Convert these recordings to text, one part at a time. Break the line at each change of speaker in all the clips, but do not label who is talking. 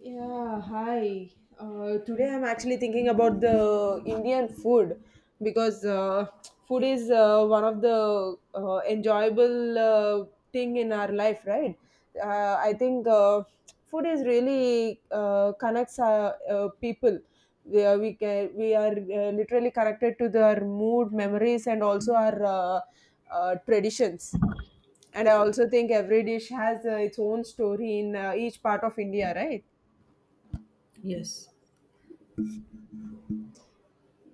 Yeah, hi. Today I'm actually thinking about the Indian food because food is one of the enjoyable thing in our life, right? I think food is really connects our people. We are literally connected to their mood, memories, and also our traditions. And I also think every dish has its own story in each part of India, right?
Yes,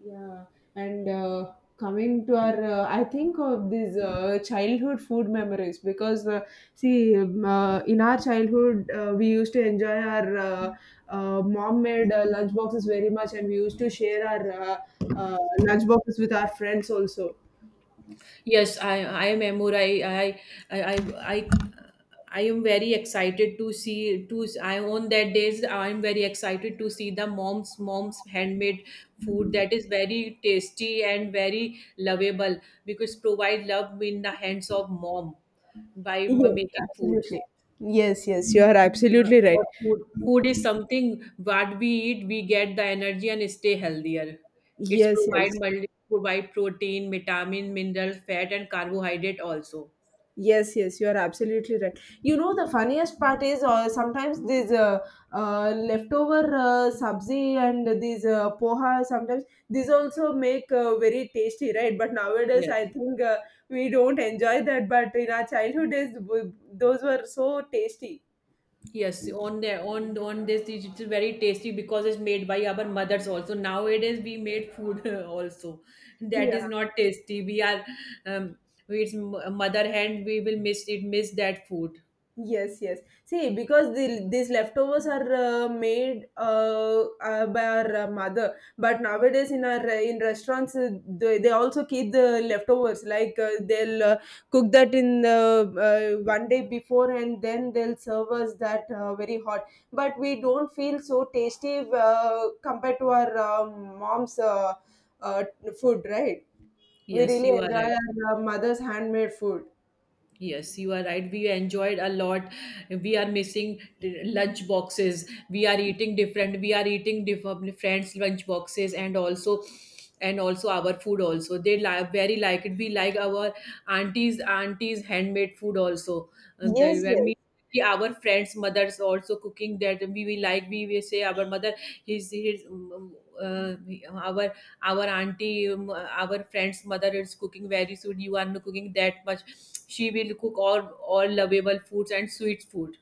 Yeah, and coming to I think of these childhood food memories because see, in our childhood we used to enjoy our mom made lunch boxes very much, and we used to
yes,
share our uh, lunch boxes with our friends also.
yes, I am Amur. I, I, I I am very excited to see to. I on that days I am very excited to see the mom's handmade food that is very tasty and very lovable because provide love in the hands of mom by
Yes,
making food.
absolutely. Yes, yes, you are
Uh,
absolutely right.
Of food. Food is something what we eat, we get the energy and stay healthier. It's
Yes, yes.
provide protein, vitamin, mineral, fat, and carbohydrate also.
Yes, yes, you are absolutely right. The funniest part is sometimes these leftover sabzi and these poha, sometimes these also make very tasty, right? But nowadays,
Yes.
I think we don't enjoy that. But in our childhood days, those were so tasty.
Yes, on the on this it's very tasty because it's made by our mothers also. Nowadays we made food also that
Yeah.
is not tasty. We are um, it's mother hand. We will miss it. Miss that food.
Yes, yes. See, because these leftovers are made by our mother, but nowadays in our in restaurants they also keep the leftovers. Like they'll cook that in one day before, and then they'll serve us that very hot. But we don't feel so tasty compared to our mom's uh, food, right? We
Yes,
really
you are
enjoy
right.
our mother's handmade food.
Yes, you are right. We enjoyed a lot. We are missing lunch boxes. We are eating different. We are eating different friends' lunch boxes and also our food also. They like very like it. We like our aunties handmade food also. And
Yes, yes.
that कि our friends' mothers also cooking that we will say our mother his um, uh, our our auntie, our friend's mother is cooking very soon, you are not cooking that much. She will cook all lovable foods and sweet food.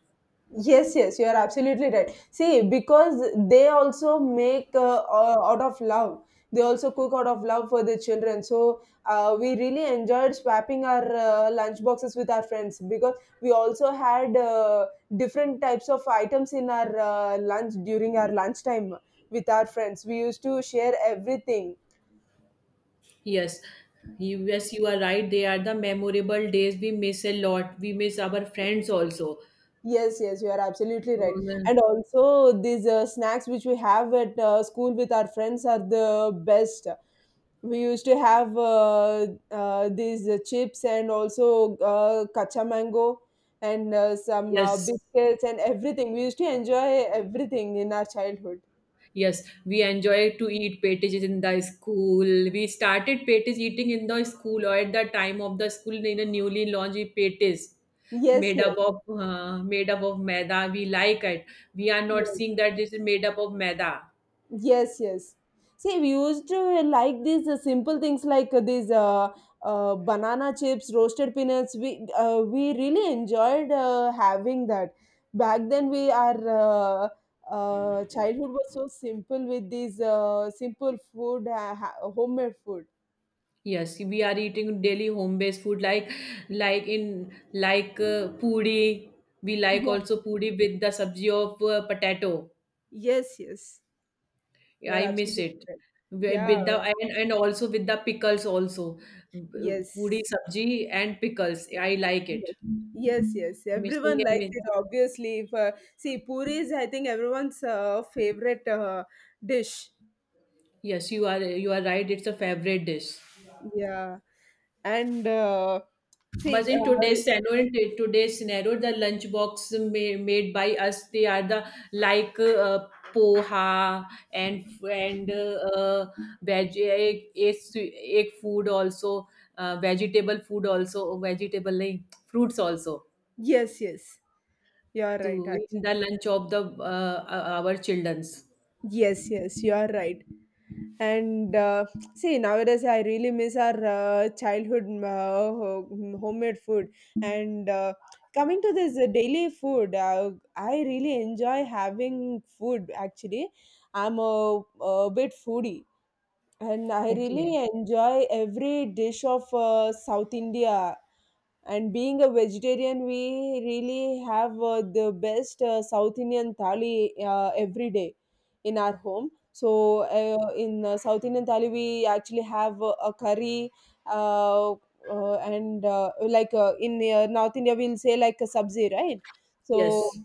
Yes, yes, you are absolutely right. See, because they also make out of love. They also cook out of love for the children. So we really enjoyed swapping our lunch boxes with our friends because we also had different types of items in our lunch during our lunchtime with our friends. We used to share everything.
Yes, yes, you are right. They are the memorable days. We miss a lot. We miss our friends also.
Yes, yes, you are absolutely right.
Um,
And also, these snacks which we have at school with our friends are the best. We used to have these chips and also kacha mango and some
yes.
biscuits and everything. We used to enjoy everything in our childhood.
Yes, we enjoy to eat petages in the school. We started petis eating in the school or at the time of the school in a newly launched petis
Yes, yes,
made up of maida. We like it. We are not
yes.
seeing that this is made up of maida.
Yes, yes. See, we used to like these simple things like these banana chips, roasted peanuts. We really enjoyed having that. Back then, we our childhood was so simple with these simple food, homemade food.
Yes, we are eating daily home based food like in like puri. We like
Yeah.
also puri with the sabji of potato.
Yes, yes. You're
I miss
absolutely
it.
right. Yeah.
With the and also with the pickles also. Puri
Yes.
sabji and pickles. I like it.
Yes, yes. Yes.
Missing
Everyone
and
likes
miss.
it, obviously. If, see, puri is, I think, everyone's favorite dish.
Yes, you are right. It's a favorite dish.
Yeah. And
But
see,
in
uh,
today's scenario, in today's scenario, the lunch box made by us, they are the like uh, poha and veg egg food also, vegetable food also, vegetable like, fruits also.
yes, yes. You're right,
To in
actually.
the lunch of the our childrens.
Yes, yes, you're right. And see, nowadays yeah, I really miss our childhood homemade food. And coming to this daily food, I really enjoy having food actually. I'm a bit foodie and I
Okay.
really enjoy every dish of South India and being a vegetarian we really have the best South Indian thali every day in our home so in South Indian thali we actually have a curry uh, and like in North India we'll say like a sabzi, right? So
Yes.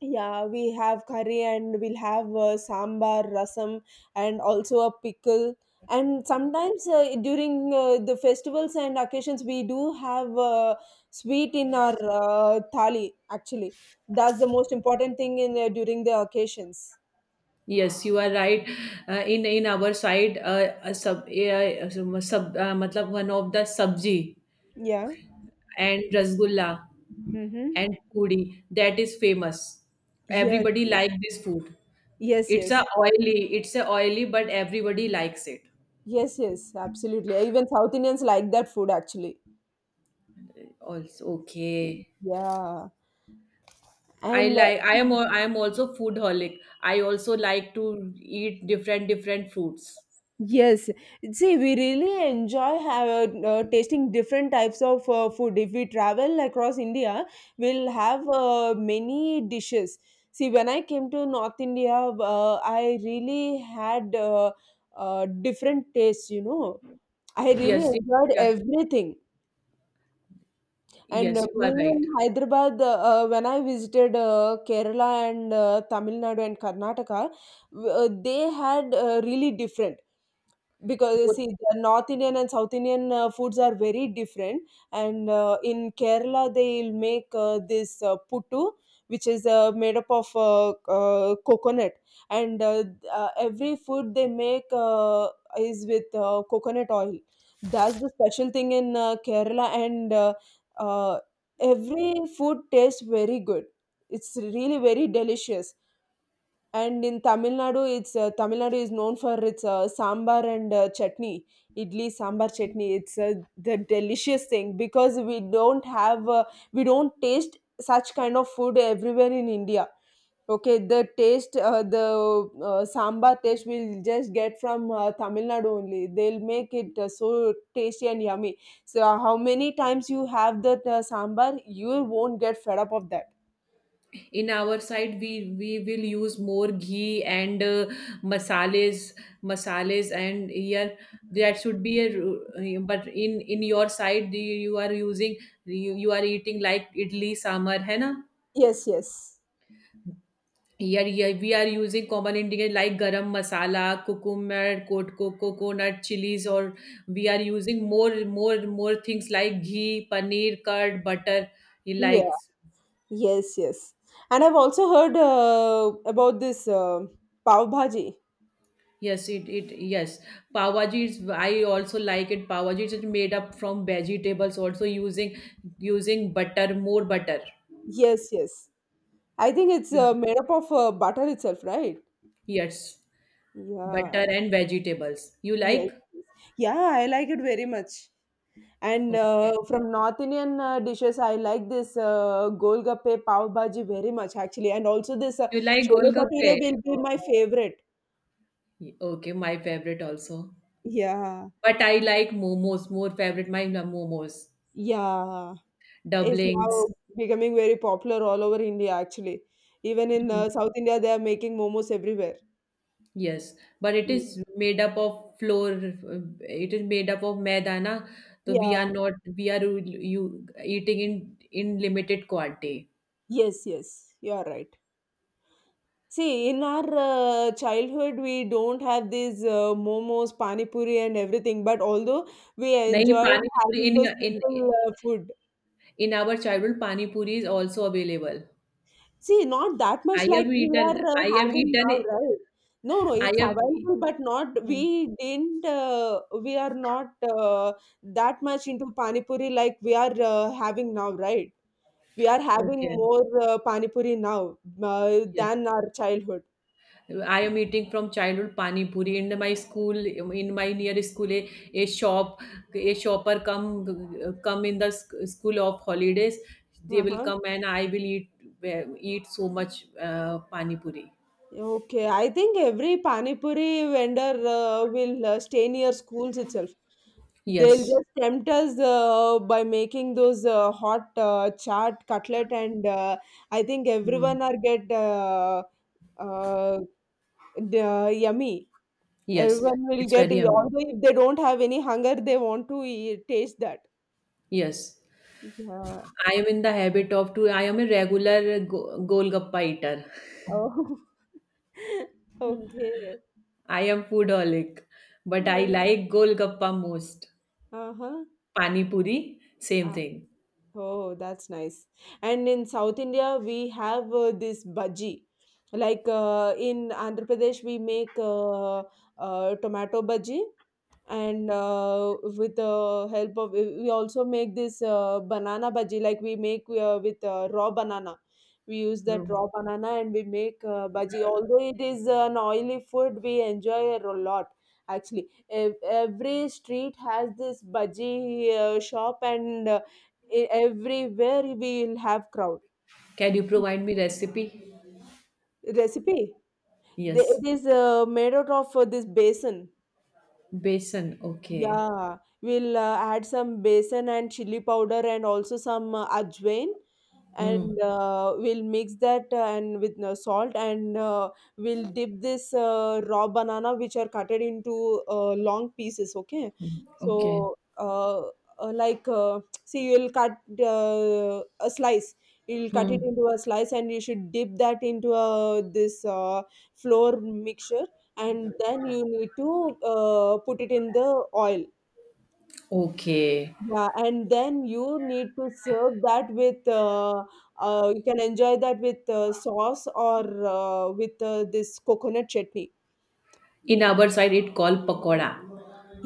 yeah, we have curry and we'll have sambar, rasam, and also a pickle. And sometimes during the festivals and occasions, we do have sweet in our thali, actually. That's the most important thing in during the occasions.
Yes, you are right. In our side, a sub, sub matlab one of the sabji
Yeah.
and rasgulla
Mm-hmm.
and puri that is famous.
Yes,
Everybody
yes,
like this food.
yes, yes,
It's a oily, but everybody likes it.
yes, yes, absolutely. Even South Indians like that food, actually.
Also, okay.
Yeah.
I
And
like. I am also food holic. I also like to eat different different fruits.
yes, see, we really enjoy tasting different types of food. If we travel across India, we'll have many dishes. See, when I came to North India, I really had different tastes, you know. I really
Yes, the-
enjoyed
yeah,
everything. And
yes, you are
being
right.
in Hyderabad, when I visited Kerala and Tamil Nadu and Karnataka, they had really different. Because you
Both
see, the North Indian and South Indian foods are very different. And in Kerala, they'll make this puttu, which is made up of coconut. And every food they make is with coconut oil. That's the special thing in Kerala. And uh, every food tastes very good. It's really very delicious and in Tamil Nadu, it's Tamil Nadu is known for its sambar and chutney, idli sambar chutney. It's the delicious thing because we don't have we don't taste such kind of food everywhere in India. Okay, the sambar taste we'll just get from Tamil Nadu only. They'll make it so tasty and yummy. So, how many times you have that sambar, you won't get fed up of that.
in our side, we will use more ghee and masales, masales, and here that should be but in your side, you are using you are eating like idli sambar, है ना?
Yes, yes,
Here, we are using common ingredient like garam masala, cucumber, coconut, chilies, or we are using more things like ghee, paneer, curd, butter. You
yes.
like.
Yes, yes. And I've also heard about this pav bhaji.
Yes, it yes. Pav Bhaji is, I also like it. Pav Bhaji is made up from vegetables, also using butter, more butter.
Yes, yes. I think it's
You-
made up of butter itself, right?
Yes,
Yeah.
butter and vegetables. You
Yes.
like?
Yes. Yeah, I like it very much. And
Okay.
from North Indian dishes, I like this golgappe pav bhaji very much, actually. And also this
You like
chole bhature
golgappe?
will be my
Oh,
favorite.
okay, my favorite also.
Yeah.
But I like momos, more favorite. My momos,
Yeah. Is
doublings.
now becoming very popular all over India actually. Even in South India, they are making momos everywhere.
Yes, but it
Mm.
is made up of flour. It is made up of maida, na? So we
Yeah,
are not we are you eating in limited quantity.
yes, yes, you are right. See, in our childhood, we don't have these momos, pani puri, and everything. But although we
नहीं
enjoyed
pani puri
having those
in
simple food,
in our childhood pani puri is also available.
see, not that
I
much
have
like we
eaten.
are
I have
having now,
eaten.
right? No, no,
I
it's
have.
available, but not
Hmm.
we didn't. We are not that much into pani puri like we are having now, right? We are having
Okay.
more pani puri now
Yes.
than our childhood.
I am eating from childhood pani puri in my school in my near school a shop, a shopper come in the school of holidays, they will
Uh-huh.
come and I will eat so much pani puri.
Okay, I think every pani puri vendor will stay near schools itself. They'll
Yes.
just tempt us by making those hot chaat cutlet, and I think
Mm.
everyone are get uh, yummy.
Yes,
Everyone will
it's
get,
very amazing.
although if they don't have any hunger, they want to eat, taste that.
Yes,
Yeah.
I am in the habit of to, I am a regular golgappa eater.
Oh. Okay.
I am foodaholic, but I
Yeah.
like golgappa most.
Uh-huh.
Pani puri same thing.
Oh, that's nice. And in South India, we have this bhaji. Like in Andhra Pradesh, we make tomato bhaji, and with the help of, we also make this banana bhaji. Like we make with raw banana. We use that
No.
raw banana and we make bhaji. Although it is an oily food, we enjoy it a lot. Actually, every street has this bhaji shop and everywhere we will have crowd
Can you provide me recipe?
recipe they,
Yes.
it is made out of this basin.
Besan. Okay.
Yeah, we'll add some besan and chili powder and also some ajwain
Hmm.
and we'll mix that and with salt and we'll dip this raw banana which are cutted into long pieces, okay?
Okay.
So like see you'll cut a slice, you'll cut it
Hmm.
into a slice and you should dip that into this flour mixture and then you need to put it in the oil.
Okay.
Yeah, and then you need to serve that with you can enjoy that with sauce or with this coconut chutney.
In our side, it called pakoda.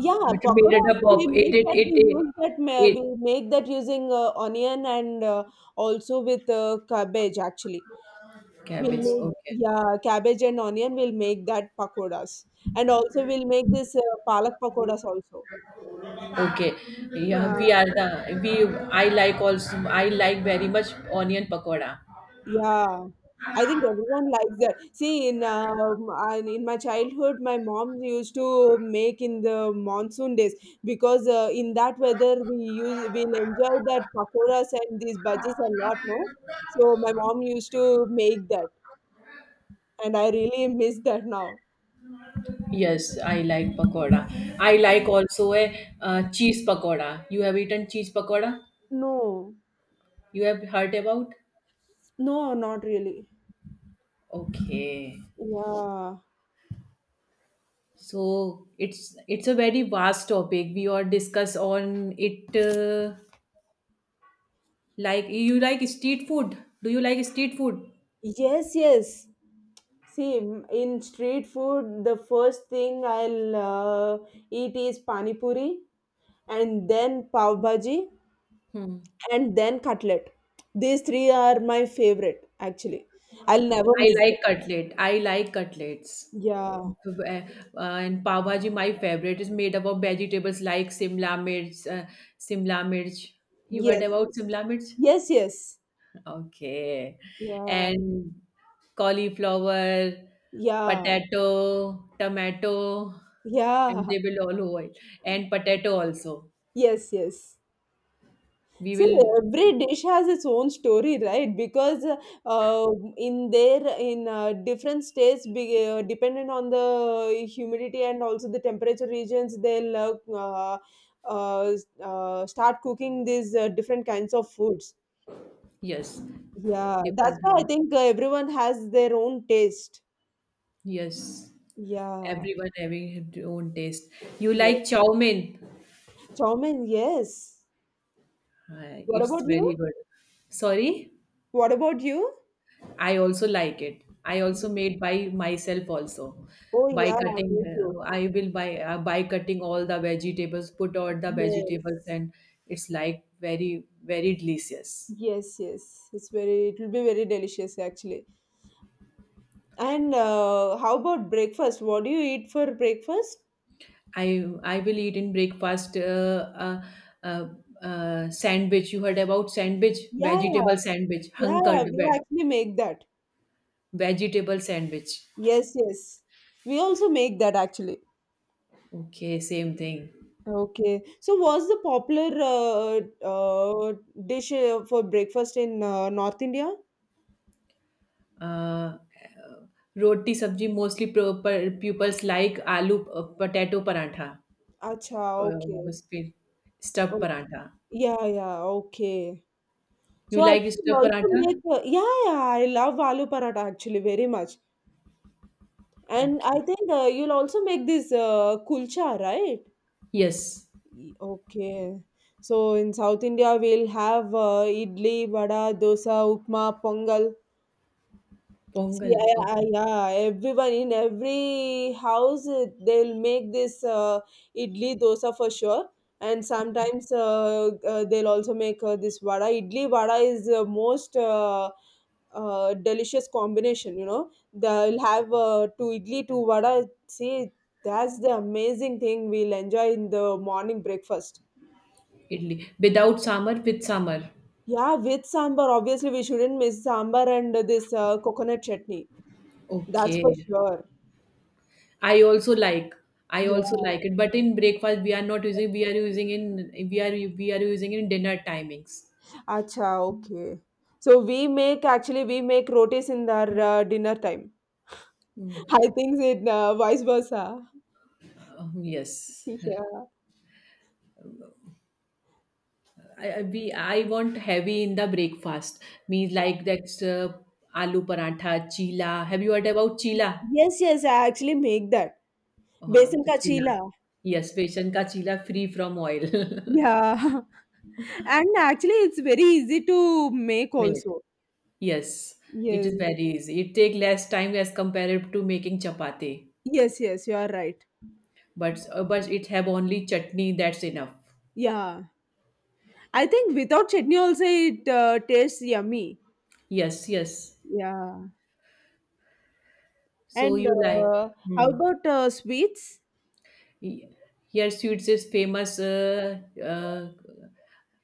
Yeah,
It made
pakora
it up
also we
of it.
make
It.
that
It. It. it.
we make that using onion and also with cabbage actually. We'll
Cabbage.
make
Okay.
yeah cabbage and onion. We'll make that pakoras and also we'll make this palak pakoras also.
Okay. Yeah.
Yeah.
We are the. We. I like also. I like very much onion pakoda.
Yeah, I think everyone likes that. See, in and in my childhood, my mom used to make in the monsoon days because in that weather we'll enjoy that pakoras and these bhajis a lot, no? So my mom used to make that, and I really miss that now.
Yes, I like pakoda. I
Mhm.
like also a cheese pakoda. You have eaten cheese pakoda?
No,
You have heard about?
no, not really.
Okay.
Yeah.
So it's a very vast topic. We all discuss on it. Like you like street food. Do you like street food?
Yes, yes. See, in street food, the first thing I'll eat is pani puri, and then pav bhaji,
Hmm.
and then cutlet. These three are my favorite, actually. I'll never
I
miss them.
like cutlet. I like cutlets.
Yeah.
Uh, and pav bhaji, my favorite, is made up of vegetables like simla mirch. Simla mirch. You
Yes.
heard
Yes.
about simla mirch?
Yes. Yes.
Okay.
Yeah.
And cauliflower,
Yeah.
potato, tomato, and
Yeah.
they will all oil. And potato also.
Yes. Yes.
We
See,
will,
every dish has its own story, right? Because uh, in different states, dependent on the humidity and also the temperature regions, they'll uh, start cooking these different kinds of foods.
yes,
Yeah, that's
different.
why I think everyone has their own taste.
Yes,
Yeah,
everyone having his own taste. You
yes,
like chow mein?
chow mein, yes. What
It's
about
very
you?
good. Sorry?
What about you?
I also like it. I also made by myself also
Oh
by
yeah,
cutting.
me too.
I will buy by cutting all the vegetables, put all the
Yes.
vegetables, and it's like very very delicious.
Yes, yes. It's very, it will be very delicious actually. And how about breakfast? What do you eat for breakfast?
I will eat in breakfast uh, sandwich. You heard about sandwich,
Yeah, yeah,
vegetable sandwich,
yeah, yeah. We actually make that.
vegetable sandwich.
Yes, yes. We also make that actually.
Okay, same thing.
Okay. So, what's the popular uh, dish for breakfast in North India?
Uh, roti sabji mostly pupils like aloo potato parantha,
Acha, okay.
was फिर stuffed
Oh,
parantha.
yeah, yeah, okay.
You
So I
like
think we
stuffed
also
parantha?
make, yeah, yeah, I love aloo paratha actually very much. And I
Okay.
think you'll also make this kulcha, right?
Yes,
Okay. So in South India, we'll have idli, vada, dosa, upma, pongal. See,
pongal. Okay,
yeah, everyone in every house they'll make this idli dosa for sure, and sometimes they'll also make this vada. Idli vada is the most delicious combination. They'll have two idli, two vada. See, that's the amazing thing we'll enjoy in the morning breakfast.
idli without samar, with samar.
Yeah, with sambar, obviously we shouldn't miss sambar and this coconut chutney. That's for
Okay,
sure.
I also like, I also
Yeah.
like it but in breakfast we are not using, we are using in, we are we are using in dinner timings.
Acha, okay. So we make actually we make rotis in our dinner time. I think it vice versa.
Yes,
Yeah.
I- we I want heavy in the breakfast. Means like that's aloo paratha, chila. Have you heard about chila?
Yes, yes, I actually make that. Besan
To
ka
chila.
chila.
Yes, besan ka chila free from oil.
Yeah. And actually it's very easy to make
Made.
also.
Yes, it is
Yes.
very easy. It take less time as compared to making chapati.
Yes, yes, you are right.
But it have only chutney. That's enough.
Yeah. I think without chutney also it tastes yummy.
Yes, yes.
Yeah.
So
And
you like.
how
Hmm.
about sweets?
Ye- Here, sweets is famous, uh,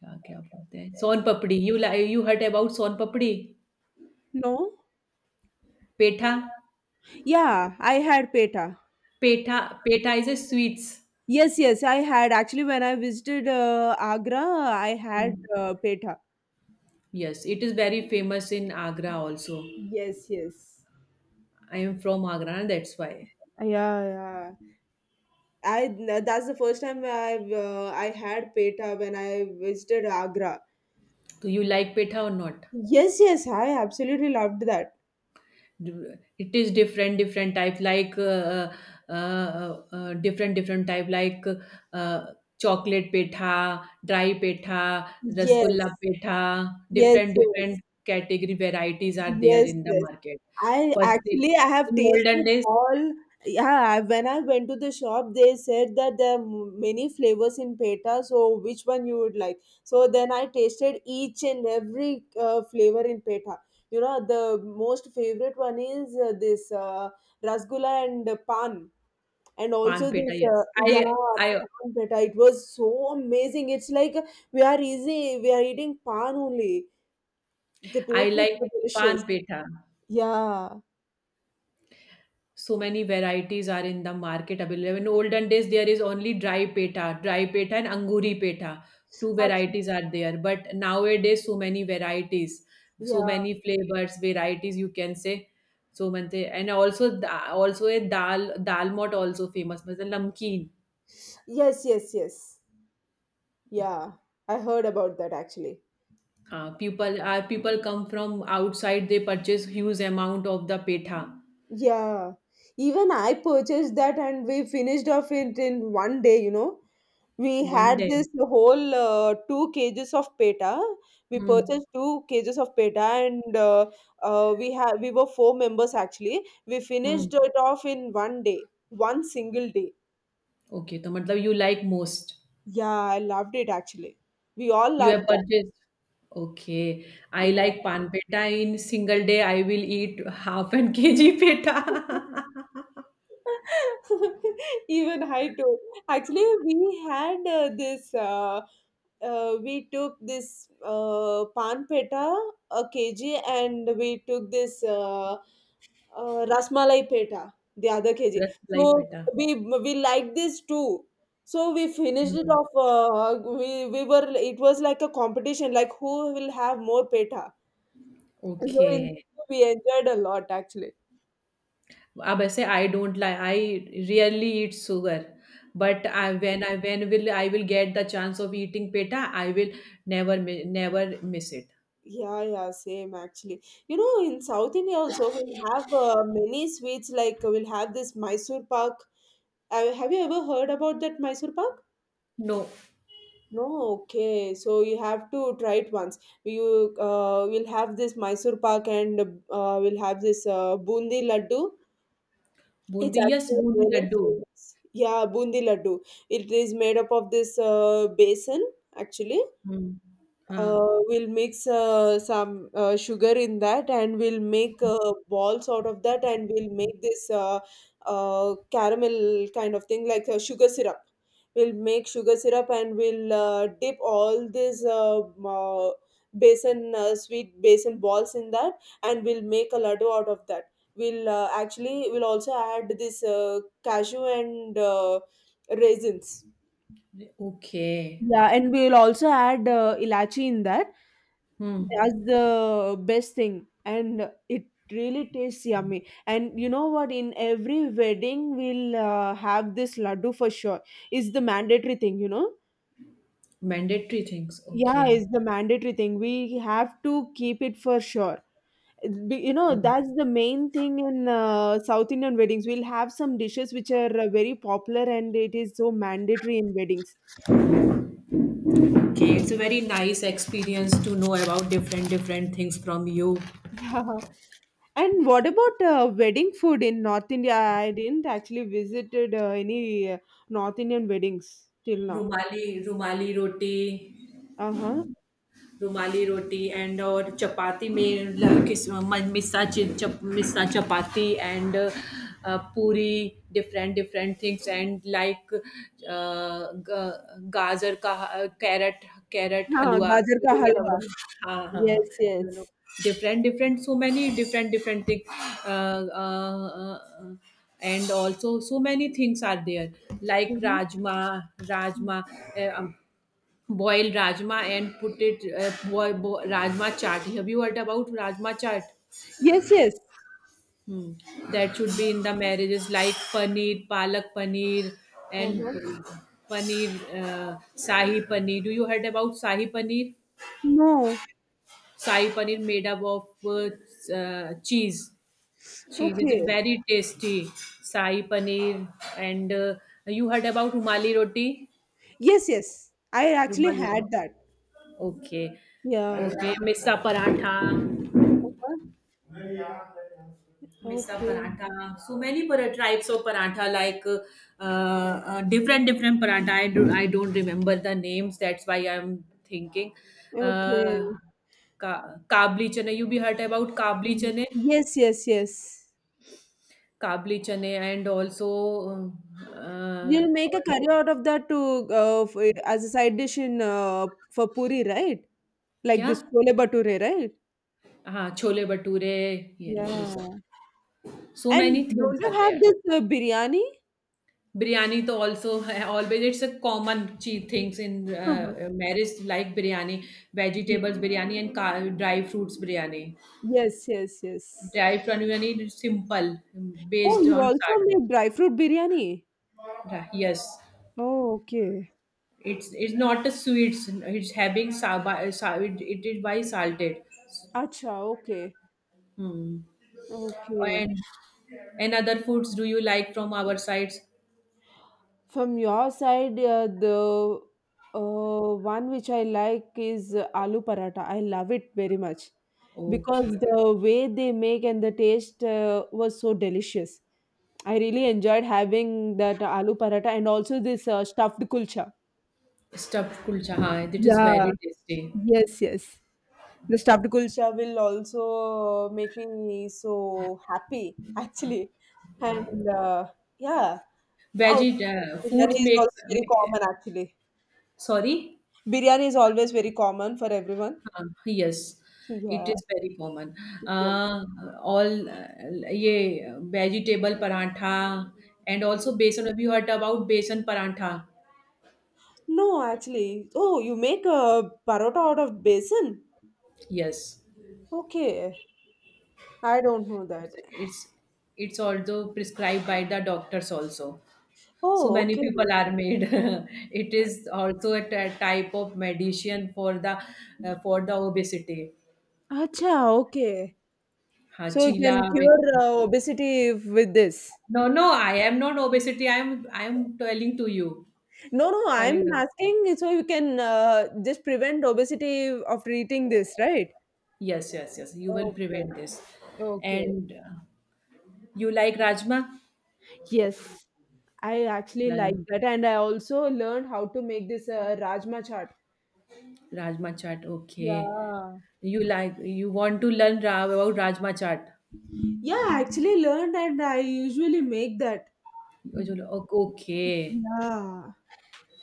क्या क्या बोलते हैं son papdi you लाइ you heard about son papdi
No?
Petha
Yeah, I had peta.
Petha petha is a sweets
Yes, yes, I had. Actually, when I visited Agra, I had petha.
Yes it is very famous in Agra also
Yes, yes.
I am from Agra ना that's why
Yeah, yeah. I That's the first time I had petha when I visited Agra.
तो you like petha और not.
Yes, yes, I absolutely loved that.
It is different different type like different different type like uh, chocolate petha, dry petha, rasgulla
Yes,
petha,
yes,
different
yes,
different category varieties are there
yes,
in the
yes.
market. Firstly,
I have
in olden
tasted
days,
all. Yeah, when I went to the shop, they said that there are many flavors in peta. So which one you would like? So then I tasted each and every flavor in peta. The most favorite one is this rasgulla and pan, and
pan
also
petha.
this
Yes,
yeah
i
pan peta. It was so amazing. It's like we are easy. We are eating pan only. The
I
taste was
like
so
pan
delicious.
petha.
Yeah.
So many varieties are in the market available. In olden days, there is only dry peta and anguri peta. Two
Ach-
varieties are there, but nowadays so many varieties, so
yeah.
many flavors, varieties you can say. So many and also also a dal mot also famous, मतलब नमकीन.
Yes, yes, yes. Yeah, I heard about that actually.
हाँ, people come from outside. They purchase huge amount of the peta
Yeah, even I purchased that and we finished off it in one day. We
one
had
day.
this whole two cages of peta. We
Hmm.
purchased two cages of peta and we were four members actually. We
Hmm.
finished it off in one day, one single day.
Okay, तो मतलब you like most.
Yeah, I loved it actually. We all
You have
loved that.
purchased. Okay. I
Yeah.
like pan peta. In single day, I will eat half an kg peta.
Even I too. Actually, we had this. We took this pan peta a kg, and we took this rasmalai peta the other kg.
Rasmalai
So
peta.
we we liked this too. So we finished it
Hmm.
off. We were. It was like a competition, like who will have more peta. So
Okay.
we enjoyed a lot actually.
अब ऐसे I don't like, I rarely eat sugar, but I will get the chance of eating peta, I will never miss it.
Yeah, yeah, same actually. In South India also we'll have many sweets like we'll have this Mysore Pak. Have you ever heard about that Mysore Pak?
No,
No, okay. So you have to try it once. You will have this Mysore Pak and we'll have this bundi laddu. It's
bundi, yes,
actually
bundi
very
laddu.
famous. Yeah, bundi laddu. It is made up of this besan actually.
Hmm. हाँ.
We'll mix some sugar in that and we'll make balls out of that and we'll make this caramel kind of thing like sugar syrup. We'll make sugar syrup and we'll dip all these basin, sweet basin balls in that and we'll make a laddu out of that. We'll Actually, we'll also add this cashew and raisins,
Okay.
yeah, and we'll also add ilachi in that.
Hmm.
That's the best thing, and it really tastes yummy. And you know what? In every wedding, we'll have this laddu for sure. It's the mandatory thing.
Mandatory things.
Yeah,
Okay.
it's the mandatory thing. We have to keep it for sure.
Hmm.
That's the main thing in South Indian weddings. We'll have some dishes which are very popular, and it is so mandatory in weddings.
Okay, it's a very nice experience to know about different different things from you.
Yeah. And what about wedding food in North India? I didn't actually visited any North Indian weddings till now.
Rumali, Rumali roti,
Uh huh.
Rumali roti and और चपाती में ल- किस म- मिस्सा चि- चप, missa chapati and puri different different things and like gajar का carat carat
हाँ,
हलवा.
Gajar
You
ka
will not
halwa.
over- हाँ हाँ हाँ
Yes,
you
yes.
No different different so many different different thing, and also so many things are there like
Hmm.
rajma, rajma, boil rajma and put it, rajma chaat, have you heard about rajma chaat?
Yes, yes.
Hmm. That should be in the marriages like paneer, palak paneer, and
Uh-huh.
paneer, sahi paneer, do you heard about sahi paneer?
No.
Sahi paneer made up of cheese, cheese, it is
Okay.
very tasty, sahi paneer. And you heard about rumali roti?
Yes, yes, I actually
Rumali
had
roti.
that.
Okay.
Yeah.
Okay, missa parantha,
Uh-huh.
Misa
Okay.
paratha, so many types of paratha, like different different paratha. I don't remember the names. That's why I'm thinking. Uh,
Okay.
kabli chane. You be heard about
Mm, yes, yes, yes.
kabli chane, and also uh, uh,
You'll make a
और
curry out of that to as a side dish in for puri, right? Like
क्या?
this chole bhature, right?
हाँ, छोले भटूरे. ये ले लो
Yeah.
सब. So
And
many things
don't you
are
have
there.
this biryani?
Biryani to also always it's a common che things in
Uh-huh.
marriage like biryani, vegetables biryani and dry fruits biryani.
Yes, yes, yes.
Dry fruit biryani is simple
Oh,
based
you
on
also
salt.
make dry fruit biryani.
Yes,
Oh, okay.
it's not a sweets. It's having it is by salted.
Acha, okay.
Hmm.
Okay.
And other foods do you like from our sides?
From your side, the one which I like is aloo paratha. I love it very much
Okay.
because the way they make and the taste was so delicious. I really enjoyed having that aloo paratha and also this stuffed kulcha.
Stuffed kulcha, हाँ, it is
Yeah.
very tasty.
Yes, yes. The stuffed kulcha will also make me so happy, actually. And Yeah, oh,
Veggie
biryani
foods
is
makes.
also very common, actually.
Sorry?
Biryani is always very common for everyone.
हाँ, yes, it
Yeah.
is very common.
Yeah.
Uh, all ये vegetable parantha, and also besan. Have you heard about besan parantha?
No, actually. Oh, you make a parota out of basin?
Yes,
Okay. I don't know that.
it's it's it's also prescribed by the doctors also. So
Oh,
many
okay.
people are made. It is also a type of medicine for the, for the obesity.
Acha, okay.
Ha
So you
chila.
can cure
बेसन.
obesity with this.
No, no, I am not obesity. I am telling to you,
No, no, I'm
telling.
asking so you can just prevent obesity after eating this, right?
Yes, yes, yes. You will
Okay.
prevent this.
Okay.
And you like Rajma?
Yes. I actually
Uh,
like that and I also learned how to make this rajma chaat.
Rajma chaat. Okay.
Yeah.
You like you want to learn ra about Rajma chaat.
Yeah, I actually learned and I usually make that.
Okay.
Yeah.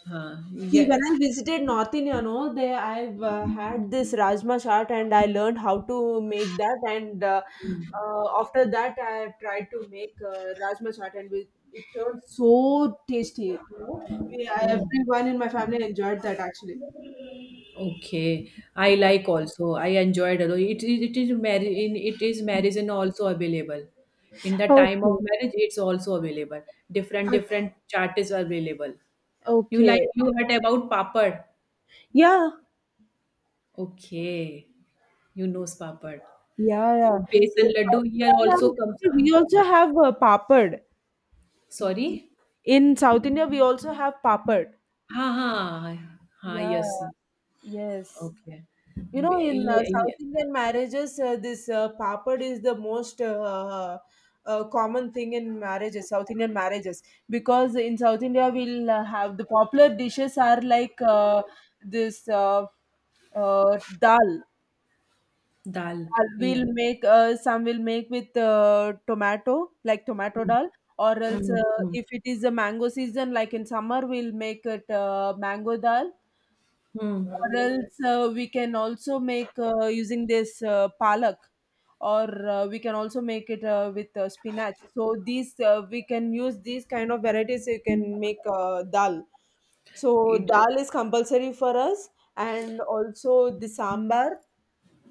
Huh.
See, when
Yeah.
I visited North India, no, they I've had this rajma chaat and I learned how to make that. And after that, I have tried to make rajma chaat and it turned so tasty.
Hmm.
Everyone in my family enjoyed that actually.
Okay. I
Yeah.
like also. I enjoyed it. It is marriage in it is marriage and also available. In the time of
Okay.
marriage, it's also available. Different
Uh,
different chaat is available. You
Okay.
like you heard about papad.
Yeah.
Okay. You know papad.
Yeah. Yeah. See,
Besan
South
laddu
India,
here
ma'am,
also comes
we
up.
also have papad.
Sorry?
In South India, we also have papad.
हाँ हाँ हाँ
Yeah.
Yes
Yes.
Okay बे-
In
ये
South
ये
Indian marriages, this papad is the most common thing in marriages, South Indian marriages, because in South India we'll have the popular dishes are like this dal.
Dal
Dal we'll
ये
make some will make with tomato, like tomato dal, or else
hmm hmm
if it is a mango season, like in summer, we'll make it mango dal,
hmm
or else we can also make using this palak, or we can also make it with spinach. So these we can use these kind of varieties you can make dal, so
it
dal is compulsory for us, and also the sambar,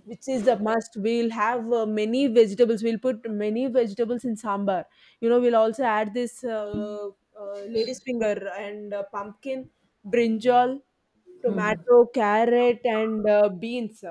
which is a must. We'll have many vegetables. We'll put many vegetables in sambar. We'll also add this lady's finger and pumpkin, brinjal, tomato, carrot, and beans.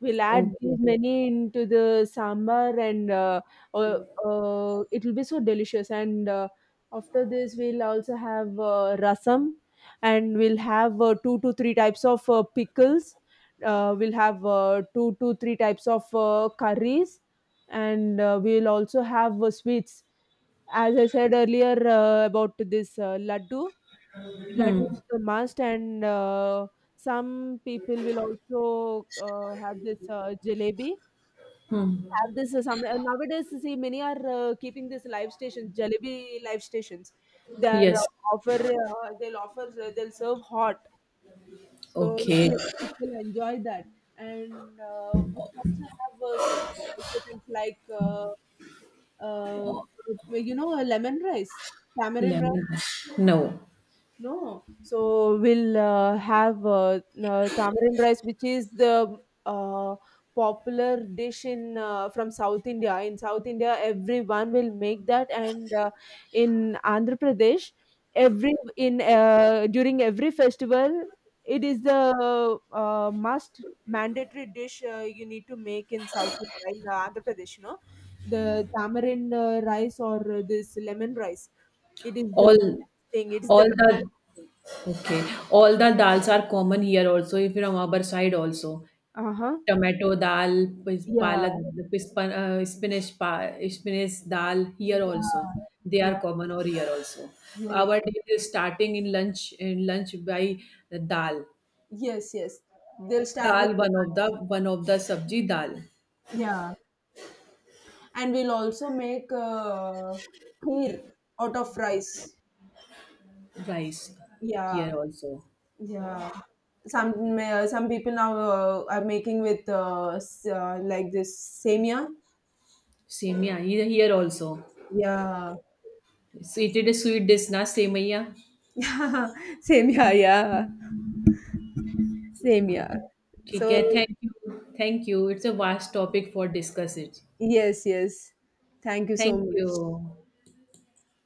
We'll add
okay
these many into the sambar, and uh, it will be so delicious. And after this, we'll also have rasam, and we'll have two to three types of pickles. We'll have two to three types of curries, and we'll also have sweets. As I said earlier about this laddu, laddu
hmm
is a must, and some people will also have this jalebi.
Hmm
Have this some nowadays. See, many are keeping this live stations, jalebi live stations. They are
yes
offer. They'll offer. They'll serve hot, so
okay
many people enjoy that. And we also have several rice items like uh, a lemon rice, tamarind.
Lemon no
No, so we'll have tamarind rice, which is the uh, popular dish in from South India. In South India, everyone will make that, and in Andhra Pradesh, every in during every festival, it is the must mandatory dish you need to make in South India, in Andhra Pradesh. The tamarind rice or this lemon rice. It is
all
the thing. It is the
all the
mandatory thing.
okay all the dals are common here also if from our side also
Uh-huh.
Tomato dal, पिस
Yeah.
Palak, पिस्पन spinach dal here
Yeah.
also. They are
Yeah.
common over here also.
Yes.
Our day is starting in lunch, in lunch by dal.
Yes. Yes. They'll start with
Dal,
that.
one of the sabji dal,
Yeah. And we'll also make kheer out of rice.
rice
Yeah.
here also.
Yeah. Some people now are making with like this semia.
Semiya here, here also.
Yeah.
So it is a sweet dish na, semiya.
Yeah. Semia. Yeah. Semia.
ठीक
So,
है thank you it's a vast topic for discuss it
yes. Yes. Thank you so
thank you
much.